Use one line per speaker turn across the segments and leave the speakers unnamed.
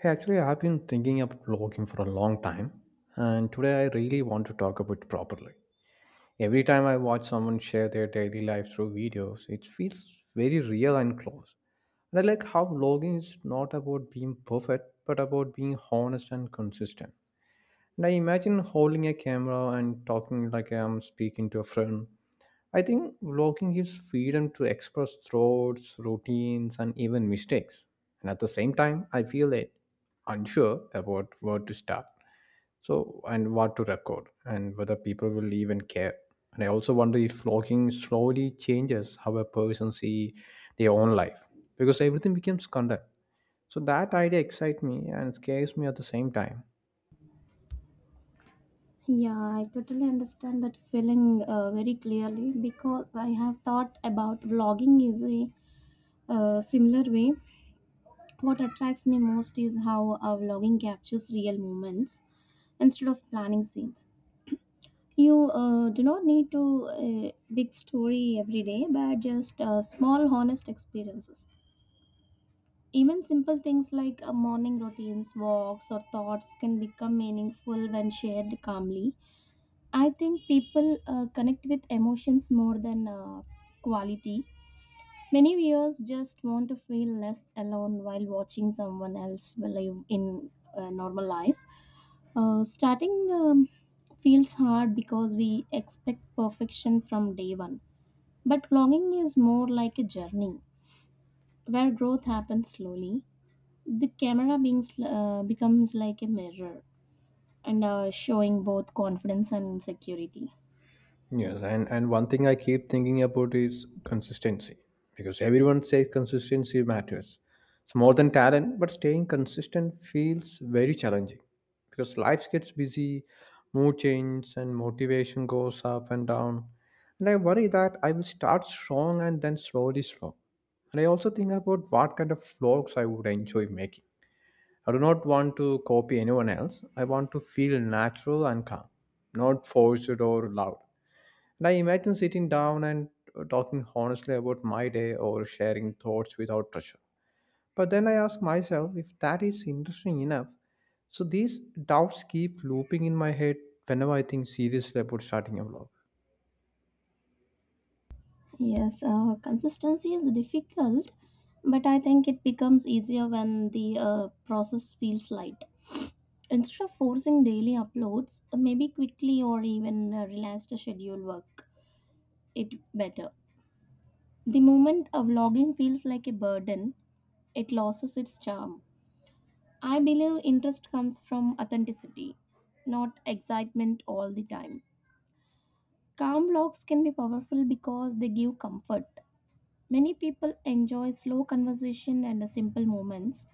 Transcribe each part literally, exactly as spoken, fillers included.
Hey, actually, I've been thinking about blogging for a long time, and today I really want to talk about it properly. Every time I watch someone share their daily life through videos, it feels very real and close. And I like how blogging is not about being perfect, but about being honest and consistent. And I imagine holding a camera and talking like I'm speaking to a friend. I think vlogging gives freedom to express thoughts, routines, and even mistakes. And at the same time, I feel it unsure about where to start. So, and what to record, and whether people will even care. And I also wonder if vlogging slowly changes how a person see their own life because everything becomes content. So that idea excites me and scares me at the same time.
Yeah, I totally understand that feeling uh, very clearly because I have thought about vlogging is a uh, similar way. What attracts me most is how uh, vlogging captures real moments instead of planning scenes. You uh, do not need to uh, big story every day, but just uh, small, honest experiences. Even simple things like uh, morning routines, walks, or thoughts can become meaningful when shared calmly. I think people uh, connect with emotions more than uh, quality. Many viewers just want to feel less alone while watching someone else live in a normal life. Uh, starting um, feels hard because we expect perfection from day one. But vlogging is more like a journey where growth happens slowly. The camera being sl- uh, becomes like a mirror and uh, showing both confidence and insecurity.
Yes, and, and one thing I keep thinking about is consistency because everyone says consistency matters. It's more than talent, but staying consistent feels very challenging because life gets busy, mood changes, and motivation goes up and down. And I worry that I will start strong and then slowly slow. And I also think about what kind of vlogs I would enjoy making. I do not want to copy anyone else. I want to feel natural and calm, not forced or loud. And I imagine sitting down and uh, talking honestly about my day or sharing thoughts without pressure. But then I ask myself if that is interesting enough. So these doubts keep looping in my head whenever I think seriously about starting a vlog.
Yes, uh, consistency is difficult, but I think it becomes easier when the uh, process feels light. Instead of forcing daily uploads, maybe quickly or even uh, relaxed schedule work it better. The moment a vlogging feels like a burden, it loses its charm. I believe interest comes from authenticity, not excitement all the time. Calm vlogs can be powerful because they give comfort. Many people enjoy slow conversation and simple moments.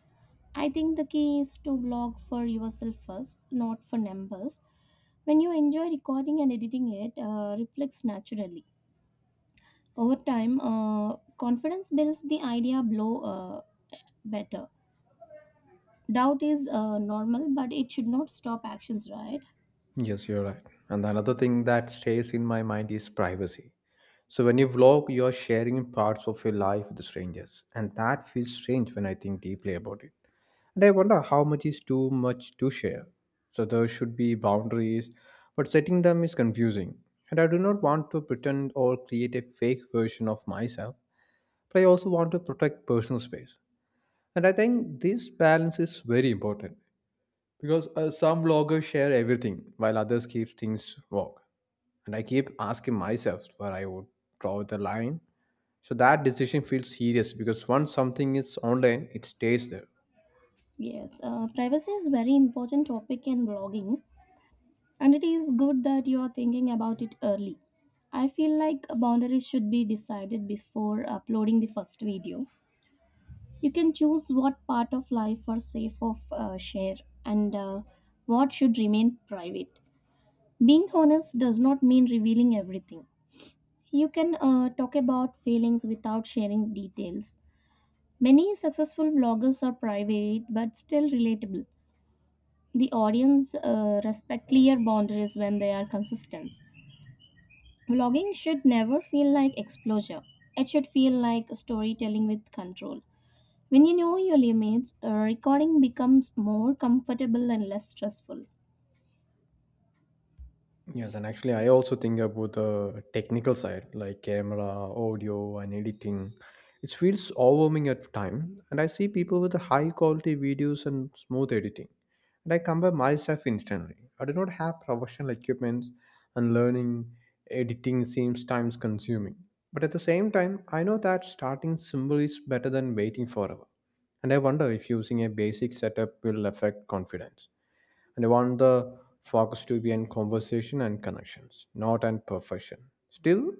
I think the key is to blog for yourself first, not for numbers. When you enjoy recording and editing it, uh, reflects naturally. Over time, uh, confidence builds the idea blow uh, better. Doubt is uh, normal, but it should not stop actions, right?
Yes, you're right. And another thing that stays in my mind is privacy. So when you vlog, you are sharing parts of your life with strangers, and that feels strange when I think deeply about it. And I wonder how much is too much to share. So there should be boundaries, but setting them is confusing. And I do not want to pretend or create a fake version of myself, but I also want to protect personal space. And I think this balance is very important because uh, some bloggers share everything while others keep things vague. And I keep asking myself where I would draw the line. So that decision feels serious because once something is online, it stays there.
Yes, uh, privacy is very important topic in blogging. And it is good that you are thinking about it early. I feel like boundaries should be decided before uploading the first video. You can choose what part of life are safe of uh, share and uh, what should remain private. Being honest does not mean revealing everything. You can uh, talk about feelings without sharing details. Many successful vloggers are private but still relatable. The audience uh, respect clear boundaries when they are consistent. Vlogging should never feel like exposure. It should feel like storytelling with control. When you know your limits, uh, recording becomes more comfortable and less stressful.
Yes, and actually, I also think about the technical side, like camera, audio, and editing. It feels overwhelming at time, and I see people with high quality videos and smooth editing, and I compare myself instantly. I do not have professional equipment, and learning editing seems time consuming. But at the same time, I know that starting simple is better than waiting forever, and I wonder if using a basic setup will affect confidence. And I want the focus to be on conversation and connections, not on perfection. Still,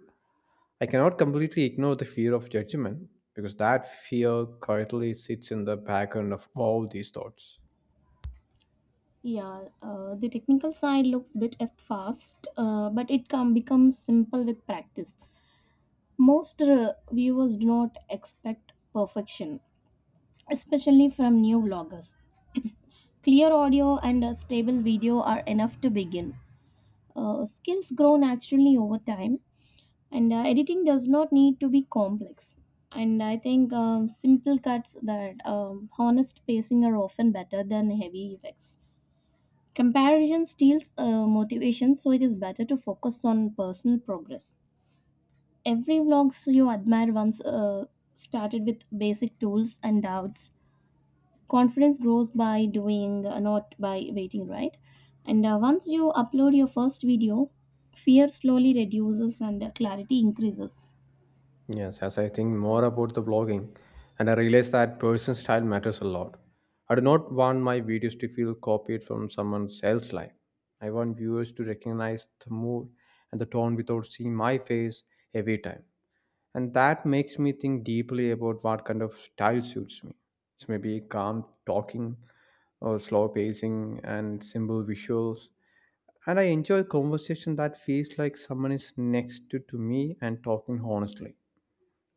I cannot completely ignore the fear of judgment because that fear quietly sits in the background of all these thoughts.
Yeah, uh, the technical side looks bit at fast, uh, but it can becomes simple with practice. Most uh, viewers do not expect perfection, especially from new vloggers. Clear audio and a stable video are enough to begin. Uh, skills grow naturally over time, and uh, editing does not need to be complex. And I think um, simple cuts that um, honest pacing are often better than heavy effects. Comparison steals uh, motivation, so it is better to focus on personal progress. Every vlogs you admire once uh, started with basic tools and doubts. Confidence grows by doing, uh, not by waiting, right? And uh, once you upload your first video, fear slowly reduces and uh, clarity increases.
Yes, as I think more about the blogging, and I realize that personal style matters a lot. I do not want my videos to feel copied from someone else's life. I want viewers to recognize the mood and the tone without seeing my face every time. And that makes me think deeply about what kind of style suits me. It's maybe calm talking or slow pacing and simple visuals. And I enjoy conversation that feels like someone is next to, to me and talking honestly.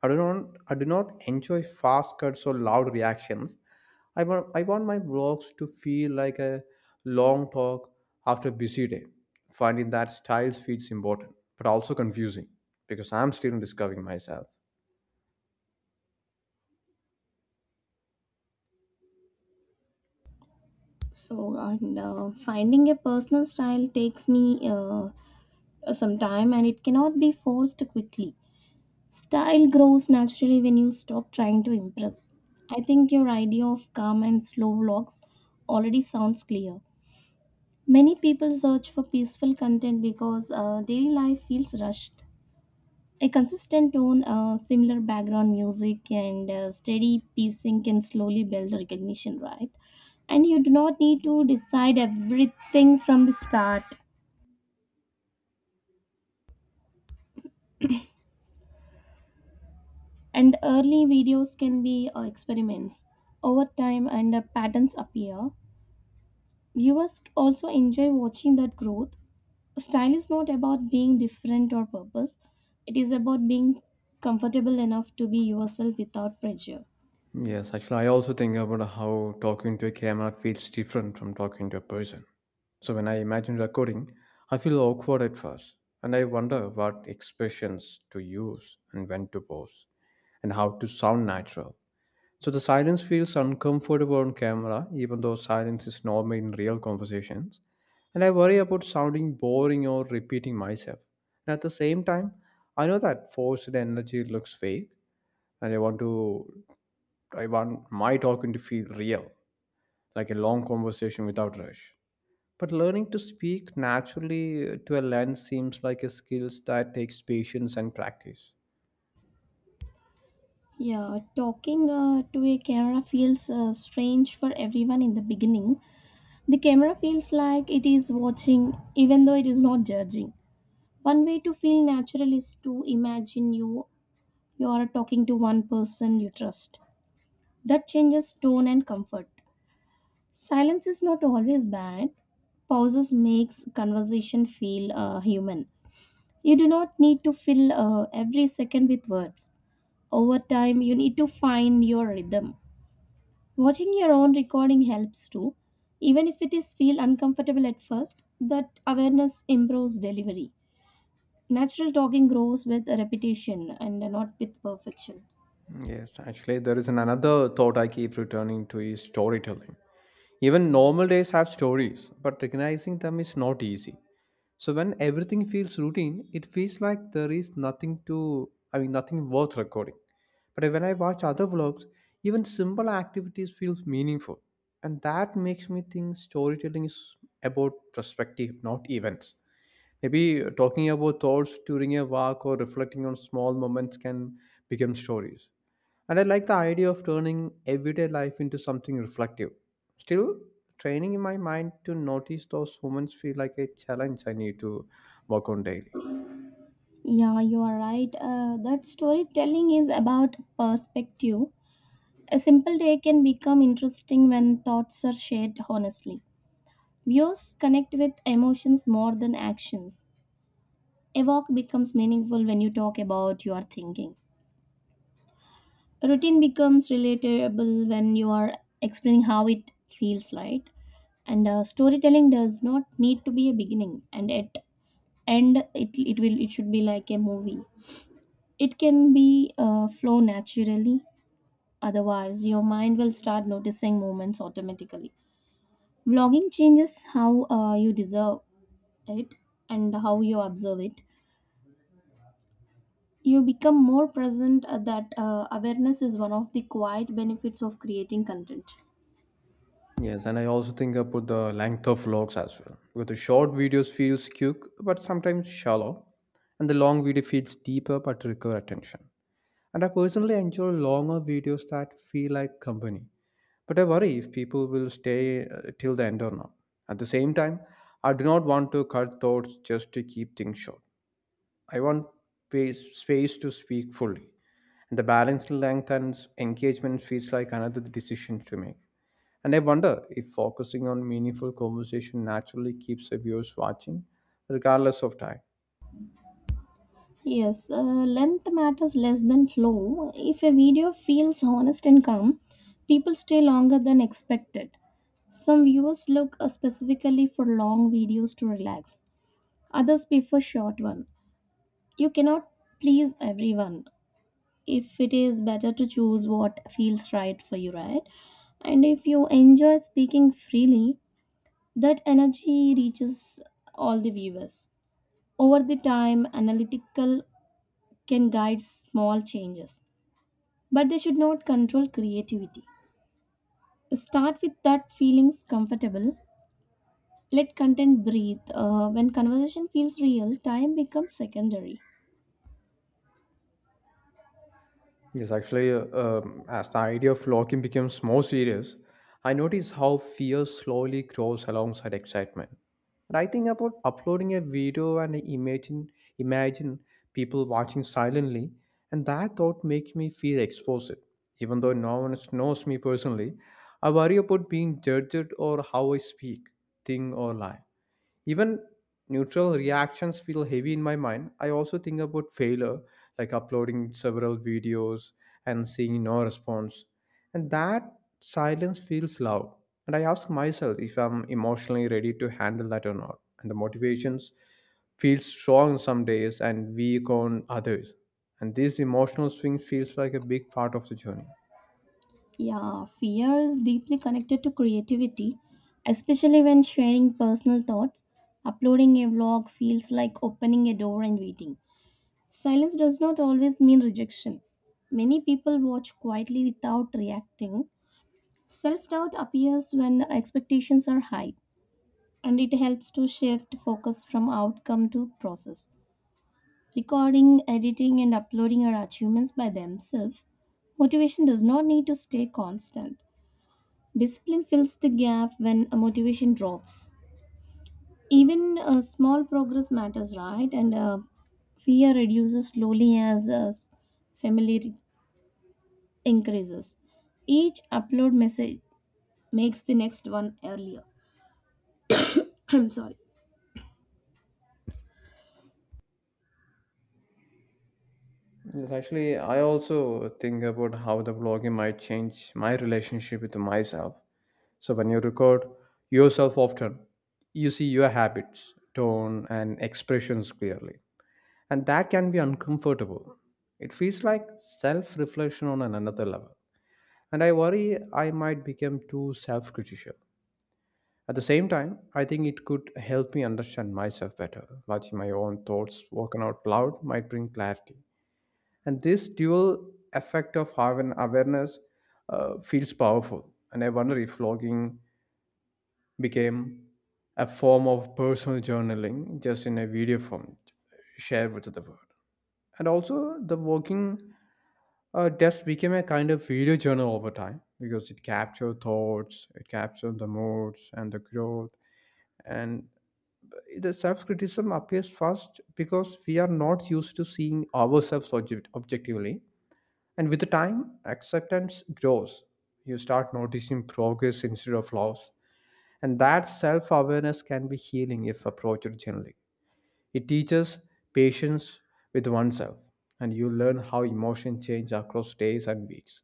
I do not I do not enjoy fast cuts or loud reactions. I want I want my vlogs to feel like a long talk after a busy day. Finding that style feels important, but also confusing because I'm still discovering myself.
So, and uh, Finding a personal style takes me uh, uh, some time and it cannot be forced quickly. Style grows naturally when you stop trying to impress. I think your idea of calm and slow vlogs already sounds clear. Many people search for peaceful content because uh, daily life feels rushed. A consistent tone, uh, similar background music, and uh, steady pacing can slowly build recognition, right? And you do not need to decide everything from the start. And early videos can be uh, experiments. Over time, and uh, patterns appear. Viewers also enjoy watching that growth. Style is not about being different or purpose, it is about being comfortable enough to be yourself without pressure.
Yes, actually, I also think about how talking to a camera feels different from talking to a person. So when I imagine recording, I feel awkward at first, and I wonder what expressions to use and when to pause and how to sound natural. So the silence feels uncomfortable on camera, even though silence is normal in real conversations. And I worry about sounding boring or repeating myself. And at the same time, I know that forced energy looks fake, and I want to, I want my talking to feel real, like a long conversation without rush. But learning to speak naturally to a lens seems like a skill that takes patience and practice.
Yeah, talking uh, to a camera feels uh, strange for everyone in the beginning. The camera feels like it is watching, even though it is not judging. One way to feel natural is to imagine you you are talking to one person you trust. That changes tone and comfort. Silence is not always bad. Pauses makes conversation feel uh, human. You do not need to fill uh, every second with words. Over time, you need to find your rhythm. Watching your own recording helps too, even if it is feel uncomfortable at first. That awareness improves delivery. Natural talking grows with repetition and not with perfection.
Yes, actually, there is an another thought I keep returning to is storytelling. Even normal days have stories, but recognizing them is not easy. So when everything feels routine, it feels like there is nothing to, I mean, nothing worth recording. But when I watch other vlogs, even simple activities feels meaningful, and that makes me think storytelling is about perspective, not events. Maybe talking about thoughts during a walk or reflecting on small moments can become stories, and I like the idea of turning everyday life into something reflective. Still, training in my mind to notice those moments feel like a challenge I need to work on daily.
Yeah, you are right. Uh, that storytelling is about perspective. A simple day can become interesting when thoughts are shared honestly. Views connect with emotions more than actions. A walk becomes meaningful when you talk about your thinking. Routine becomes relatable when you are explaining how it feels, right? And uh, storytelling does not need to be a beginning and at end it, it will it should be like a movie. It can be uh, flow naturally, otherwise your mind will start noticing moments automatically. Vlogging changes how uh, you deserve it and how you observe it. You become more present, uh, that uh, awareness is one of the quiet benefits of creating content.
Yes, and I also think about the length of vlogs as well. With the short videos feels cute but sometimes shallow, and the long video feels deeper but require attention. And I personally enjoy longer videos that feel like company. But I worry if people will stay uh, till the end or not. At the same time, I do not want to cut thoughts just to keep things short. I want space, space to speak fully. And the balanced length and engagement feels like another decision to make. And I wonder if focusing on meaningful conversation naturally keeps the viewers watching, regardless of time.
Yes, uh, length matters less than flow. If a video feels honest and calm, people stay longer than expected. Some viewers look uh, specifically for long videos to relax, others prefer short one. You cannot please everyone. If it is better to choose what feels right for you, right? And if you enjoy speaking freely, that energy reaches all the viewers. Over the time, analytical can guide small changes, but they should not control creativity. Start with that feelings comfortable. Let content breathe. Uh, when conversation feels real, time becomes secondary.
Yes, actually, uh, um, as the idea of locking becomes more serious, I notice how fear slowly grows alongside excitement. And I think about uploading a video and imagine imagine people watching silently, and that thought makes me feel exposed. Even though no one knows me personally, I worry about being judged or how I speak, think, or lie. Even neutral reactions feel heavy in my mind. I also think about failure, like uploading several videos and seeing no response. And that silence feels loud. And I ask myself if I'm emotionally ready to handle that or not. And the motivations feel strong some days and weak on others. And this emotional swing feels like a big part of the journey.
Yeah, fear is deeply connected to creativity, especially when sharing personal thoughts. Uploading a vlog feels like opening a door and waiting. Silence does not always mean rejection. Many people watch quietly without reacting. Self doubt appears when expectations are high, and it helps to shift focus from outcome to process. Recording, editing, and uploading are achievements by themselves. Motivation does not need to stay constant. Discipline fills the gap when a motivation drops. Even a small progress matters, right? And uh, Fear reduces slowly as uh, familiarity increases. Each upload message makes the next one earlier. I'm sorry.
Yes, actually, I also think about how the blogging might change my relationship with myself. So, when you record yourself often, you see your habits, tone, and expressions clearly. And that can be uncomfortable. It feels like self reflection on an- another level. And I worry I might become too self critical. At the same time, I think it could help me understand myself better. Watching my own thoughts spoken out loud might bring clarity, and this dual effect of having awareness uh, feels powerful. And I wonder if vlogging became a form of personal journaling, just in a video form shared with the world. And also the working uh, desk became a kind of video journal over time because it captured thoughts, it captured the moods and the growth. And the self-criticism appears first because we are not used to seeing ourselves object- objectively. And with the time, acceptance grows. You start noticing progress instead of loss. And that self awareness can be healing if approached gently. It teaches patience with oneself, and you learn how emotions change across days and weeks.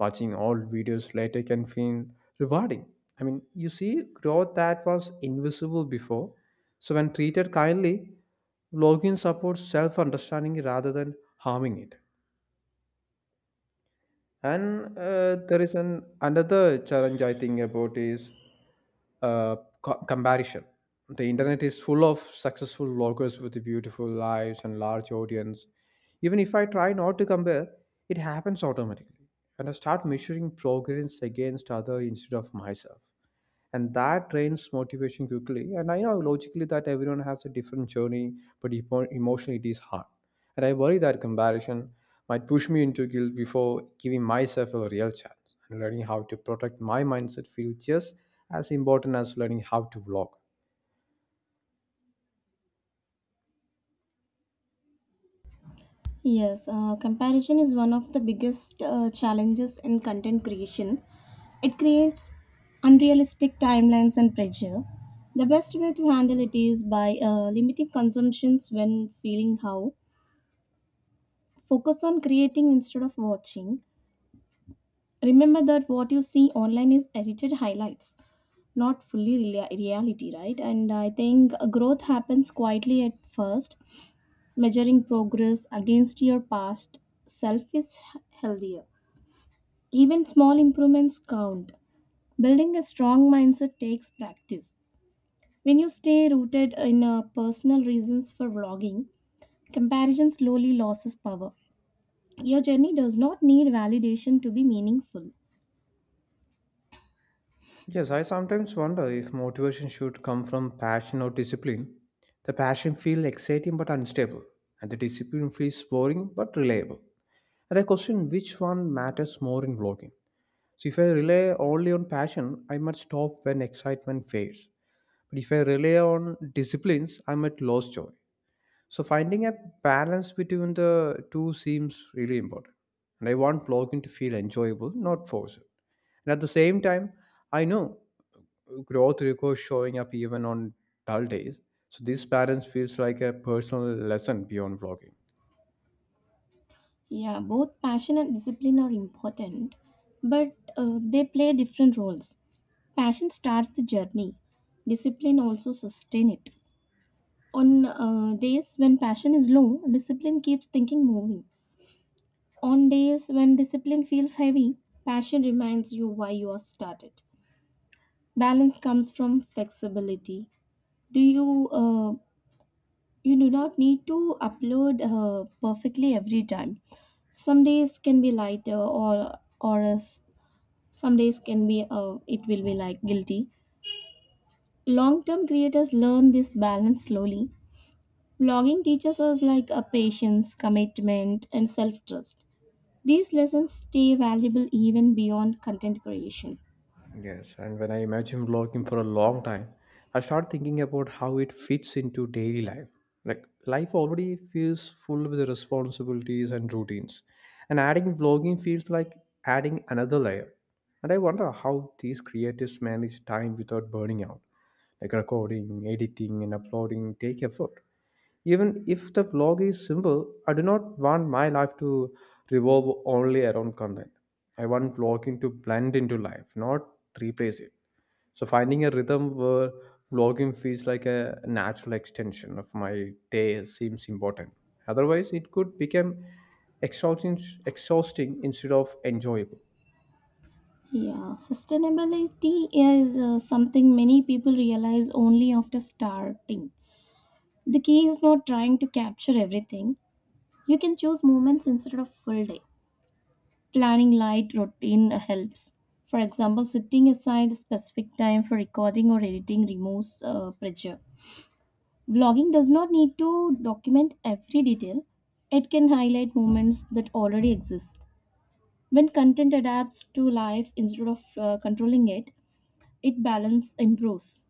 Watching old videos later can feel rewarding. I mean, you see growth that was invisible before. So, when treated kindly, blogging supports self understanding rather than harming it. And uh, there is an another challenge I think about is uh, co- comparison. The internet is full of successful bloggers with beautiful lives and large audience. Even if I try not to compare, it happens automatically, and I start measuring progress against other instead of myself. And that drains motivation quickly. And I know logically that everyone has a different journey, but emo- emotionally it is hard. And I worry that comparison might push me into guilt before giving myself a real chance. And learning how to protect my mindset feels just as important as learning how to vlog.
Yes, uh, comparison is one of the biggest uh, challenges in content creation. It creates unrealistic timelines and pressure. The best way to handle it is by uh, limiting consumptions when feeling how. Focus on creating instead of watching. Remember that what you see online is edited highlights, not fully rea- reality, right? And I think uh, growth happens quietly at first. Measuring progress against your past self is h- healthier. Even small improvements count. Building a strong mindset takes practice. When you stay rooted in uh, personal reasons for vlogging, comparison slowly loses power. Your journey does not need validation to be meaningful.
Yes, I sometimes wonder if motivation should come from passion or discipline. The passion feels exciting but unstable, and the discipline feels boring but reliable. And I question which one matters more in blogging. So if I rely only on passion, I might stop when excitement fades. But if I rely on disciplines, I might lose joy. So finding a balance between the two seems really important. And I want blogging to feel enjoyable, not forced. And at the same time, I know growth requires showing up even on dull days. So this balance feels like a personal lesson beyond blogging.
Yeah, both passion and discipline are important, but uh, they play different roles. Passion starts the journey, discipline also sustain it. On uh, days when passion is low, discipline keeps thinking moving. On days when discipline feels heavy, passion reminds you why you are started. Balance comes from flexibility. Do you uh, you do not need to upload uh, perfectly every time. Some days can be lighter, or or as some days can be uh, it will be like guilty. Long term creators learn this balance slowly. Blogging teaches us like a patience, commitment, and self trust. These lessons stay valuable even beyond content creation.
Yes, and when I imagine vlogging for a long time, I start thinking about how it fits into daily life. Like life already feels full with responsibilities and routines, and adding vlogging feels like adding another layer. And I wonder how these creatives manage time without burning out. Like recording, editing, and uploading take effort. Even if the blog is simple, I do not want my life to revolve only around content. I want blogging to blend into life, not replace it. So finding a rhythm where blogging feels like a natural extension of my day seems important. Otherwise, it could become exhausting, exhausting instead of enjoyable.
Yeah, sustainability is uh, something many people realize only after starting. The key is not trying to capture everything. You can choose moments instead of full day. Planning light routine helps. For example, setting aside a specific time for recording or editing removes uh, pressure. Vlogging does not need to document every detail. It can highlight moments that already exist. When content adapts to life instead of uh, controlling it, it balance improves.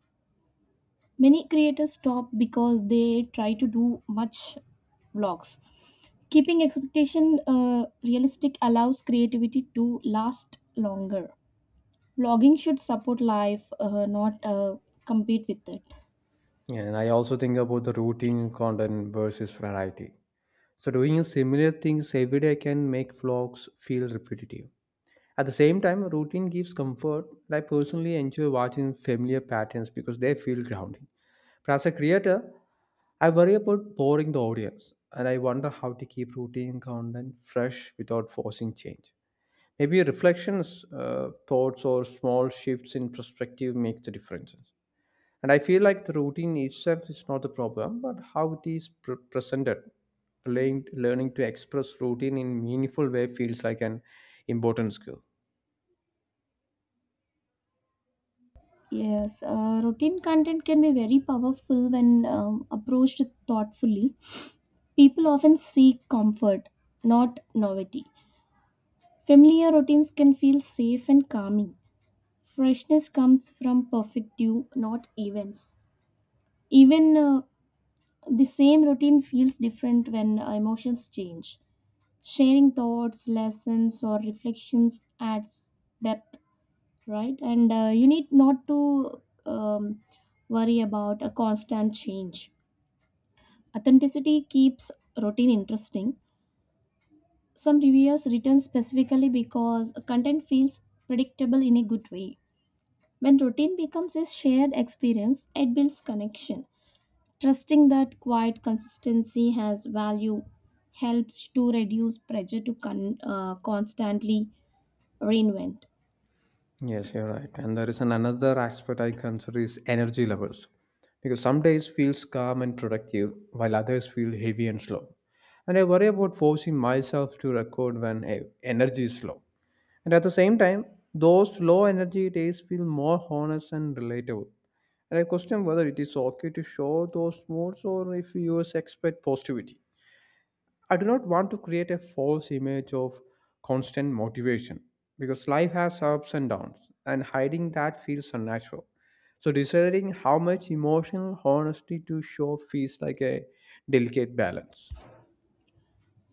Many creators stop because they try to do much vlogs. Keeping expectation uh, realistic allows creativity to last longer. Blogging should support life, uh, not uh, compete with it.
And I also think about the routine content versus variety. So doing similar things every day can make vlogs feel repetitive. At the same time, routine gives comfort. I personally enjoy watching familiar patterns because they feel grounding. But as a creator, I worry about boring the audience, and I wonder how to keep routine content fresh without forcing change. Maybe reflections, uh, thoughts, or small shifts in perspective make the differences. And I feel like the routine itself is not the problem, but how it is pre- presented. Learning, learning to express routine in meaningful way feels like an important skill.
Yes, uh, routine content can be very powerful when um, approached thoughtfully. People often seek comfort, not novelty. Familiar routines can feel safe and calming. Freshness comes from perfect due, not events. Even uh, the same routine feels different when emotions change. Sharing thoughts, lessons, or reflections adds depth, right? And uh, you need not to um, worry about a constant change. Authenticity keeps routine interesting. Some reviewers return specifically because content feels predictable in a good way. When routine becomes a shared experience, it builds connection. Trusting that quiet consistency has value helps to reduce pressure to con- uh, constantly reinvent.
Yes, you're right. And there is an another aspect I consider is energy levels. Because some days feels calm and productive, while others feel heavy and slow. And I worry about forcing myself to record when eh, energy is low. And at the same time, those low energy days feel more honest and relatable. And I question whether it is okay to show those moods or if viewers expect positivity. I do not want to create a false image of constant motivation because life has ups and downs, and hiding that feels unnatural. So, deciding how much emotional honesty to show feels like a delicate balance.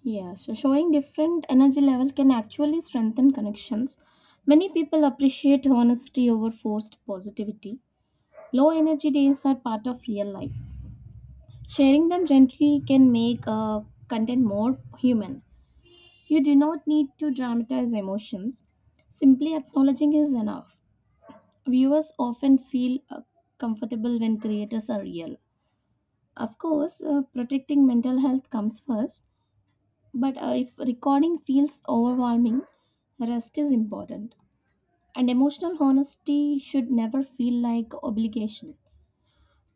Yeah, so showing different energy level can actually strengthen connections. Many people appreciate honesty over forced positivity. Low energy days are part of real life. Sharing them gently can make uh, content more human. You do not need to dramatize emotions. Simply acknowledging is enough. Viewers often feel uh, comfortable when creators are real. Of course, uh, protecting mental health comes first, but uh, if recording feels overwhelming, rest is important. And emotional honesty should never feel like obligation.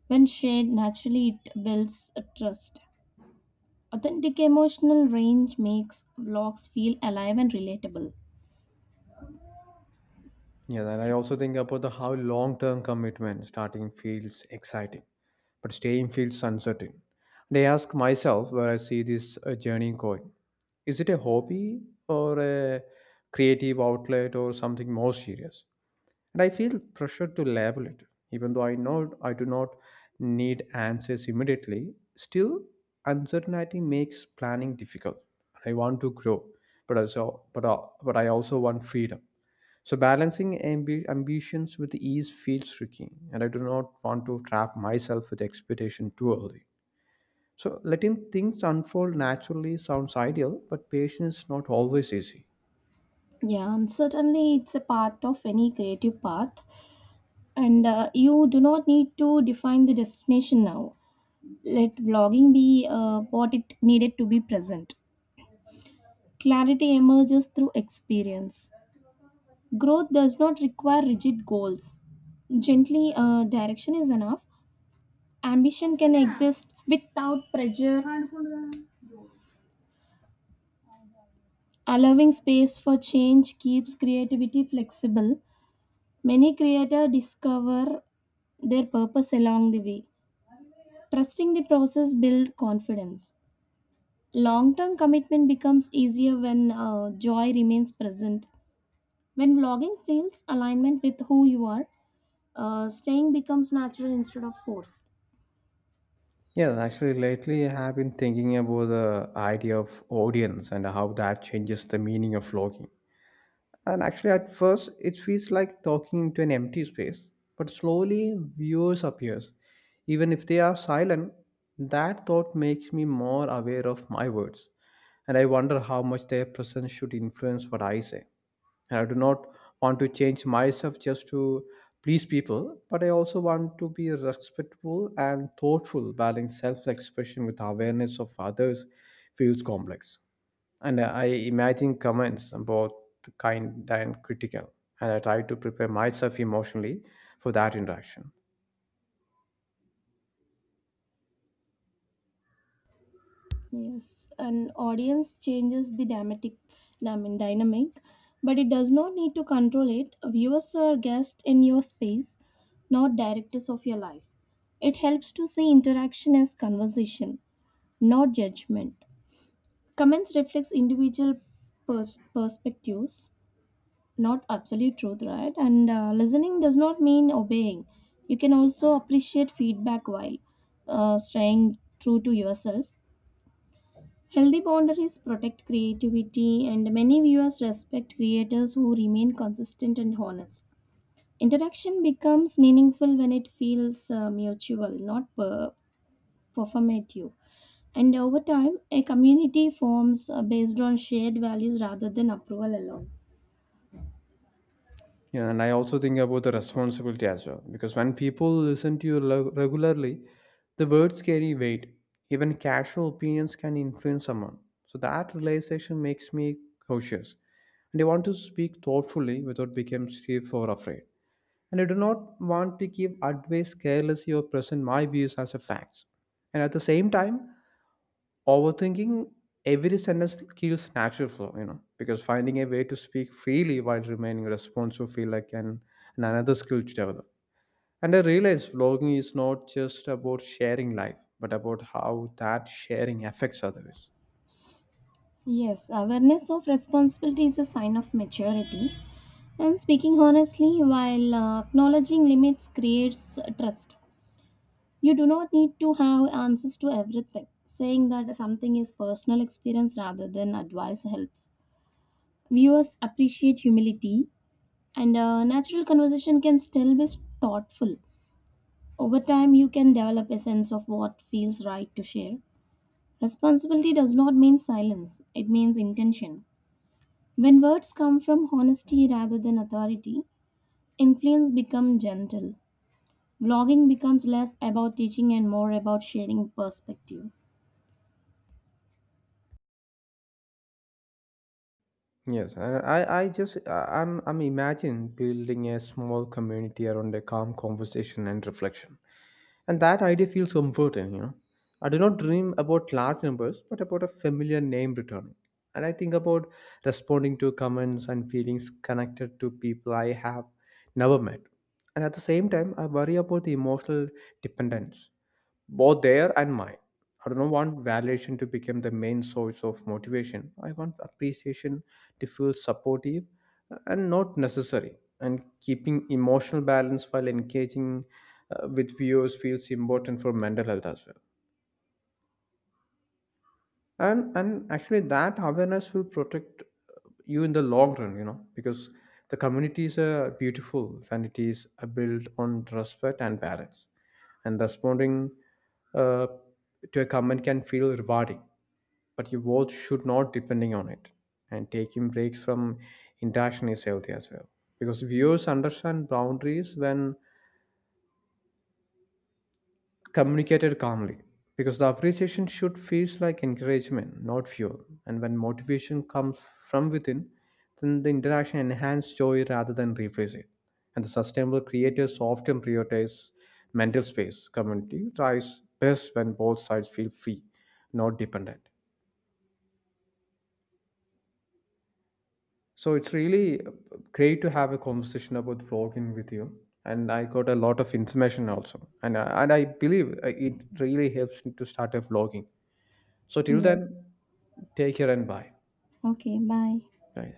When shared naturally, it builds a trust. Authentic emotional range makes vlogs feel alive and relatable.
Yeah, and I also think about the how long term commitment starting feels exciting, but staying feels uncertain. And I ask myself where I see this uh, journey going. Is it a hobby or a creative outlet or something more serious? And I feel pressure to label it. Even though I know I do not need answers immediately, still uncertainty makes planning difficult. I want to grow, but also but, uh, but I also want freedom. So balancing ambi- ambitions with ease feels tricky, and I do not want to trap myself with expectation too early. So letting things unfold naturally sounds ideal, but patience is not always easy.
Yeah, and certainly it's a part of any creative path, and uh, you do not need to define the destination now. Let vlogging be uh, what it needed to be present. Clarity emerges through experience. Growth does not require rigid goals. Gently, uh, direction is enough. Ambition can exist without pressure. Allowing space for change keeps creativity flexible. Many creators discover their purpose along the way. Trusting the process builds confidence. Long term commitment becomes easier when uh, joy remains present. When vlogging feels alignment with who you are, uh, staying becomes natural instead of force.
Yes, actually, lately I have been thinking about the idea of audience and how that changes the meaning of vlogging. And actually, at first, it feels like talking into an empty space. But slowly, viewers appears. Even if they are silent, that thought makes me more aware of my words. And I wonder how much their presence should influence what I say. And I do not want to change myself just to please people, but I also want to be respectful and thoughtful. Balancing self expression with awareness of others feels complex, and I imagine comments both kind and critical, and I try to prepare myself emotionally for that interaction.
Yes, an audience changes the dramatic, I mean, dynamic, but it does not need to control it. Viewers are guests in your space, not directors of your life. It helps to see interaction as conversation, not judgment. Comments reflects individual per- perspectives, not absolute truth, right? And uh, listening does not mean obeying. You can also appreciate feedback while uh, staying true to yourself. Healthy boundaries protect creativity, and many viewers respect creators who remain consistent and honest. Interaction becomes meaningful when it feels uh, mutual, not per- performative. And over time, a community forms uh, based on shared values rather than approval alone.
Yeah, and I also think about the responsibility as well, because when people listen to you lo- regularly, the words carry weight. Even casual opinions can influence someone. So that realization makes me cautious, and I want to speak thoughtfully without becoming stiff or afraid. And I do not want to give advice carelessly or present my views as a facts. And at the same time, overthinking every sentence kills natural flow, you know, because finding a way to speak freely while remaining responsive feel like an, an another skill to develop. And I realized vlogging is not just about sharing life, but about how that sharing affects others.
Yes, awareness of responsibility is a sign of maturity. And speaking honestly while uh, acknowledging limits creates uh, trust. You do not need to have answers to everything. Saying that something is personal experience rather than advice helps. Viewers appreciate humility, and a natural conversation can still be thoughtful. Over time, you can develop a sense of what feels right to share. Responsibility does not mean silence, it means intention. When words come from honesty rather than authority, influence becomes gentle. Vlogging becomes less about teaching and more about sharing perspective.
Yes, and I, I just I- I'm I'm imagining building a small community around a calm conversation and reflection. And that idea feels comforting, you know. I do not dream about large numbers, but about a familiar name returning. And I think about responding to comments and feelings connected to people I have never met. And at the same time, I worry about the emotional dependence, both their and mine. I don't want validation to become the main source of motivation. I want appreciation to feel supportive uh, and not necessary. And keeping emotional balance while engaging uh, with viewers feels important for mental health as well. And and actually, that awareness will protect uh, you in the long run you know because the communities are beautiful when it is uh, built on respect and balance, and responding uh, to a comment can feel rewarding, but your worth should not depending on it. And taking breaks from interaction is healthy as well, because viewers understand boundaries when communicated calmly, because the appreciation should feel like encouragement, not fuel. And when motivation comes from within, then the interaction enhances joy rather than replace it. And the sustainable creators often prioritize mental space. Community thrives best when both sides feel free, not dependent. So it's really great to have a conversation about vlogging with you, and I got a lot of information also. And I, and I believe uh, it really helps me to start a vlogging. So till then,
Yes.
take care and bye.
Okay, bye.
Bye.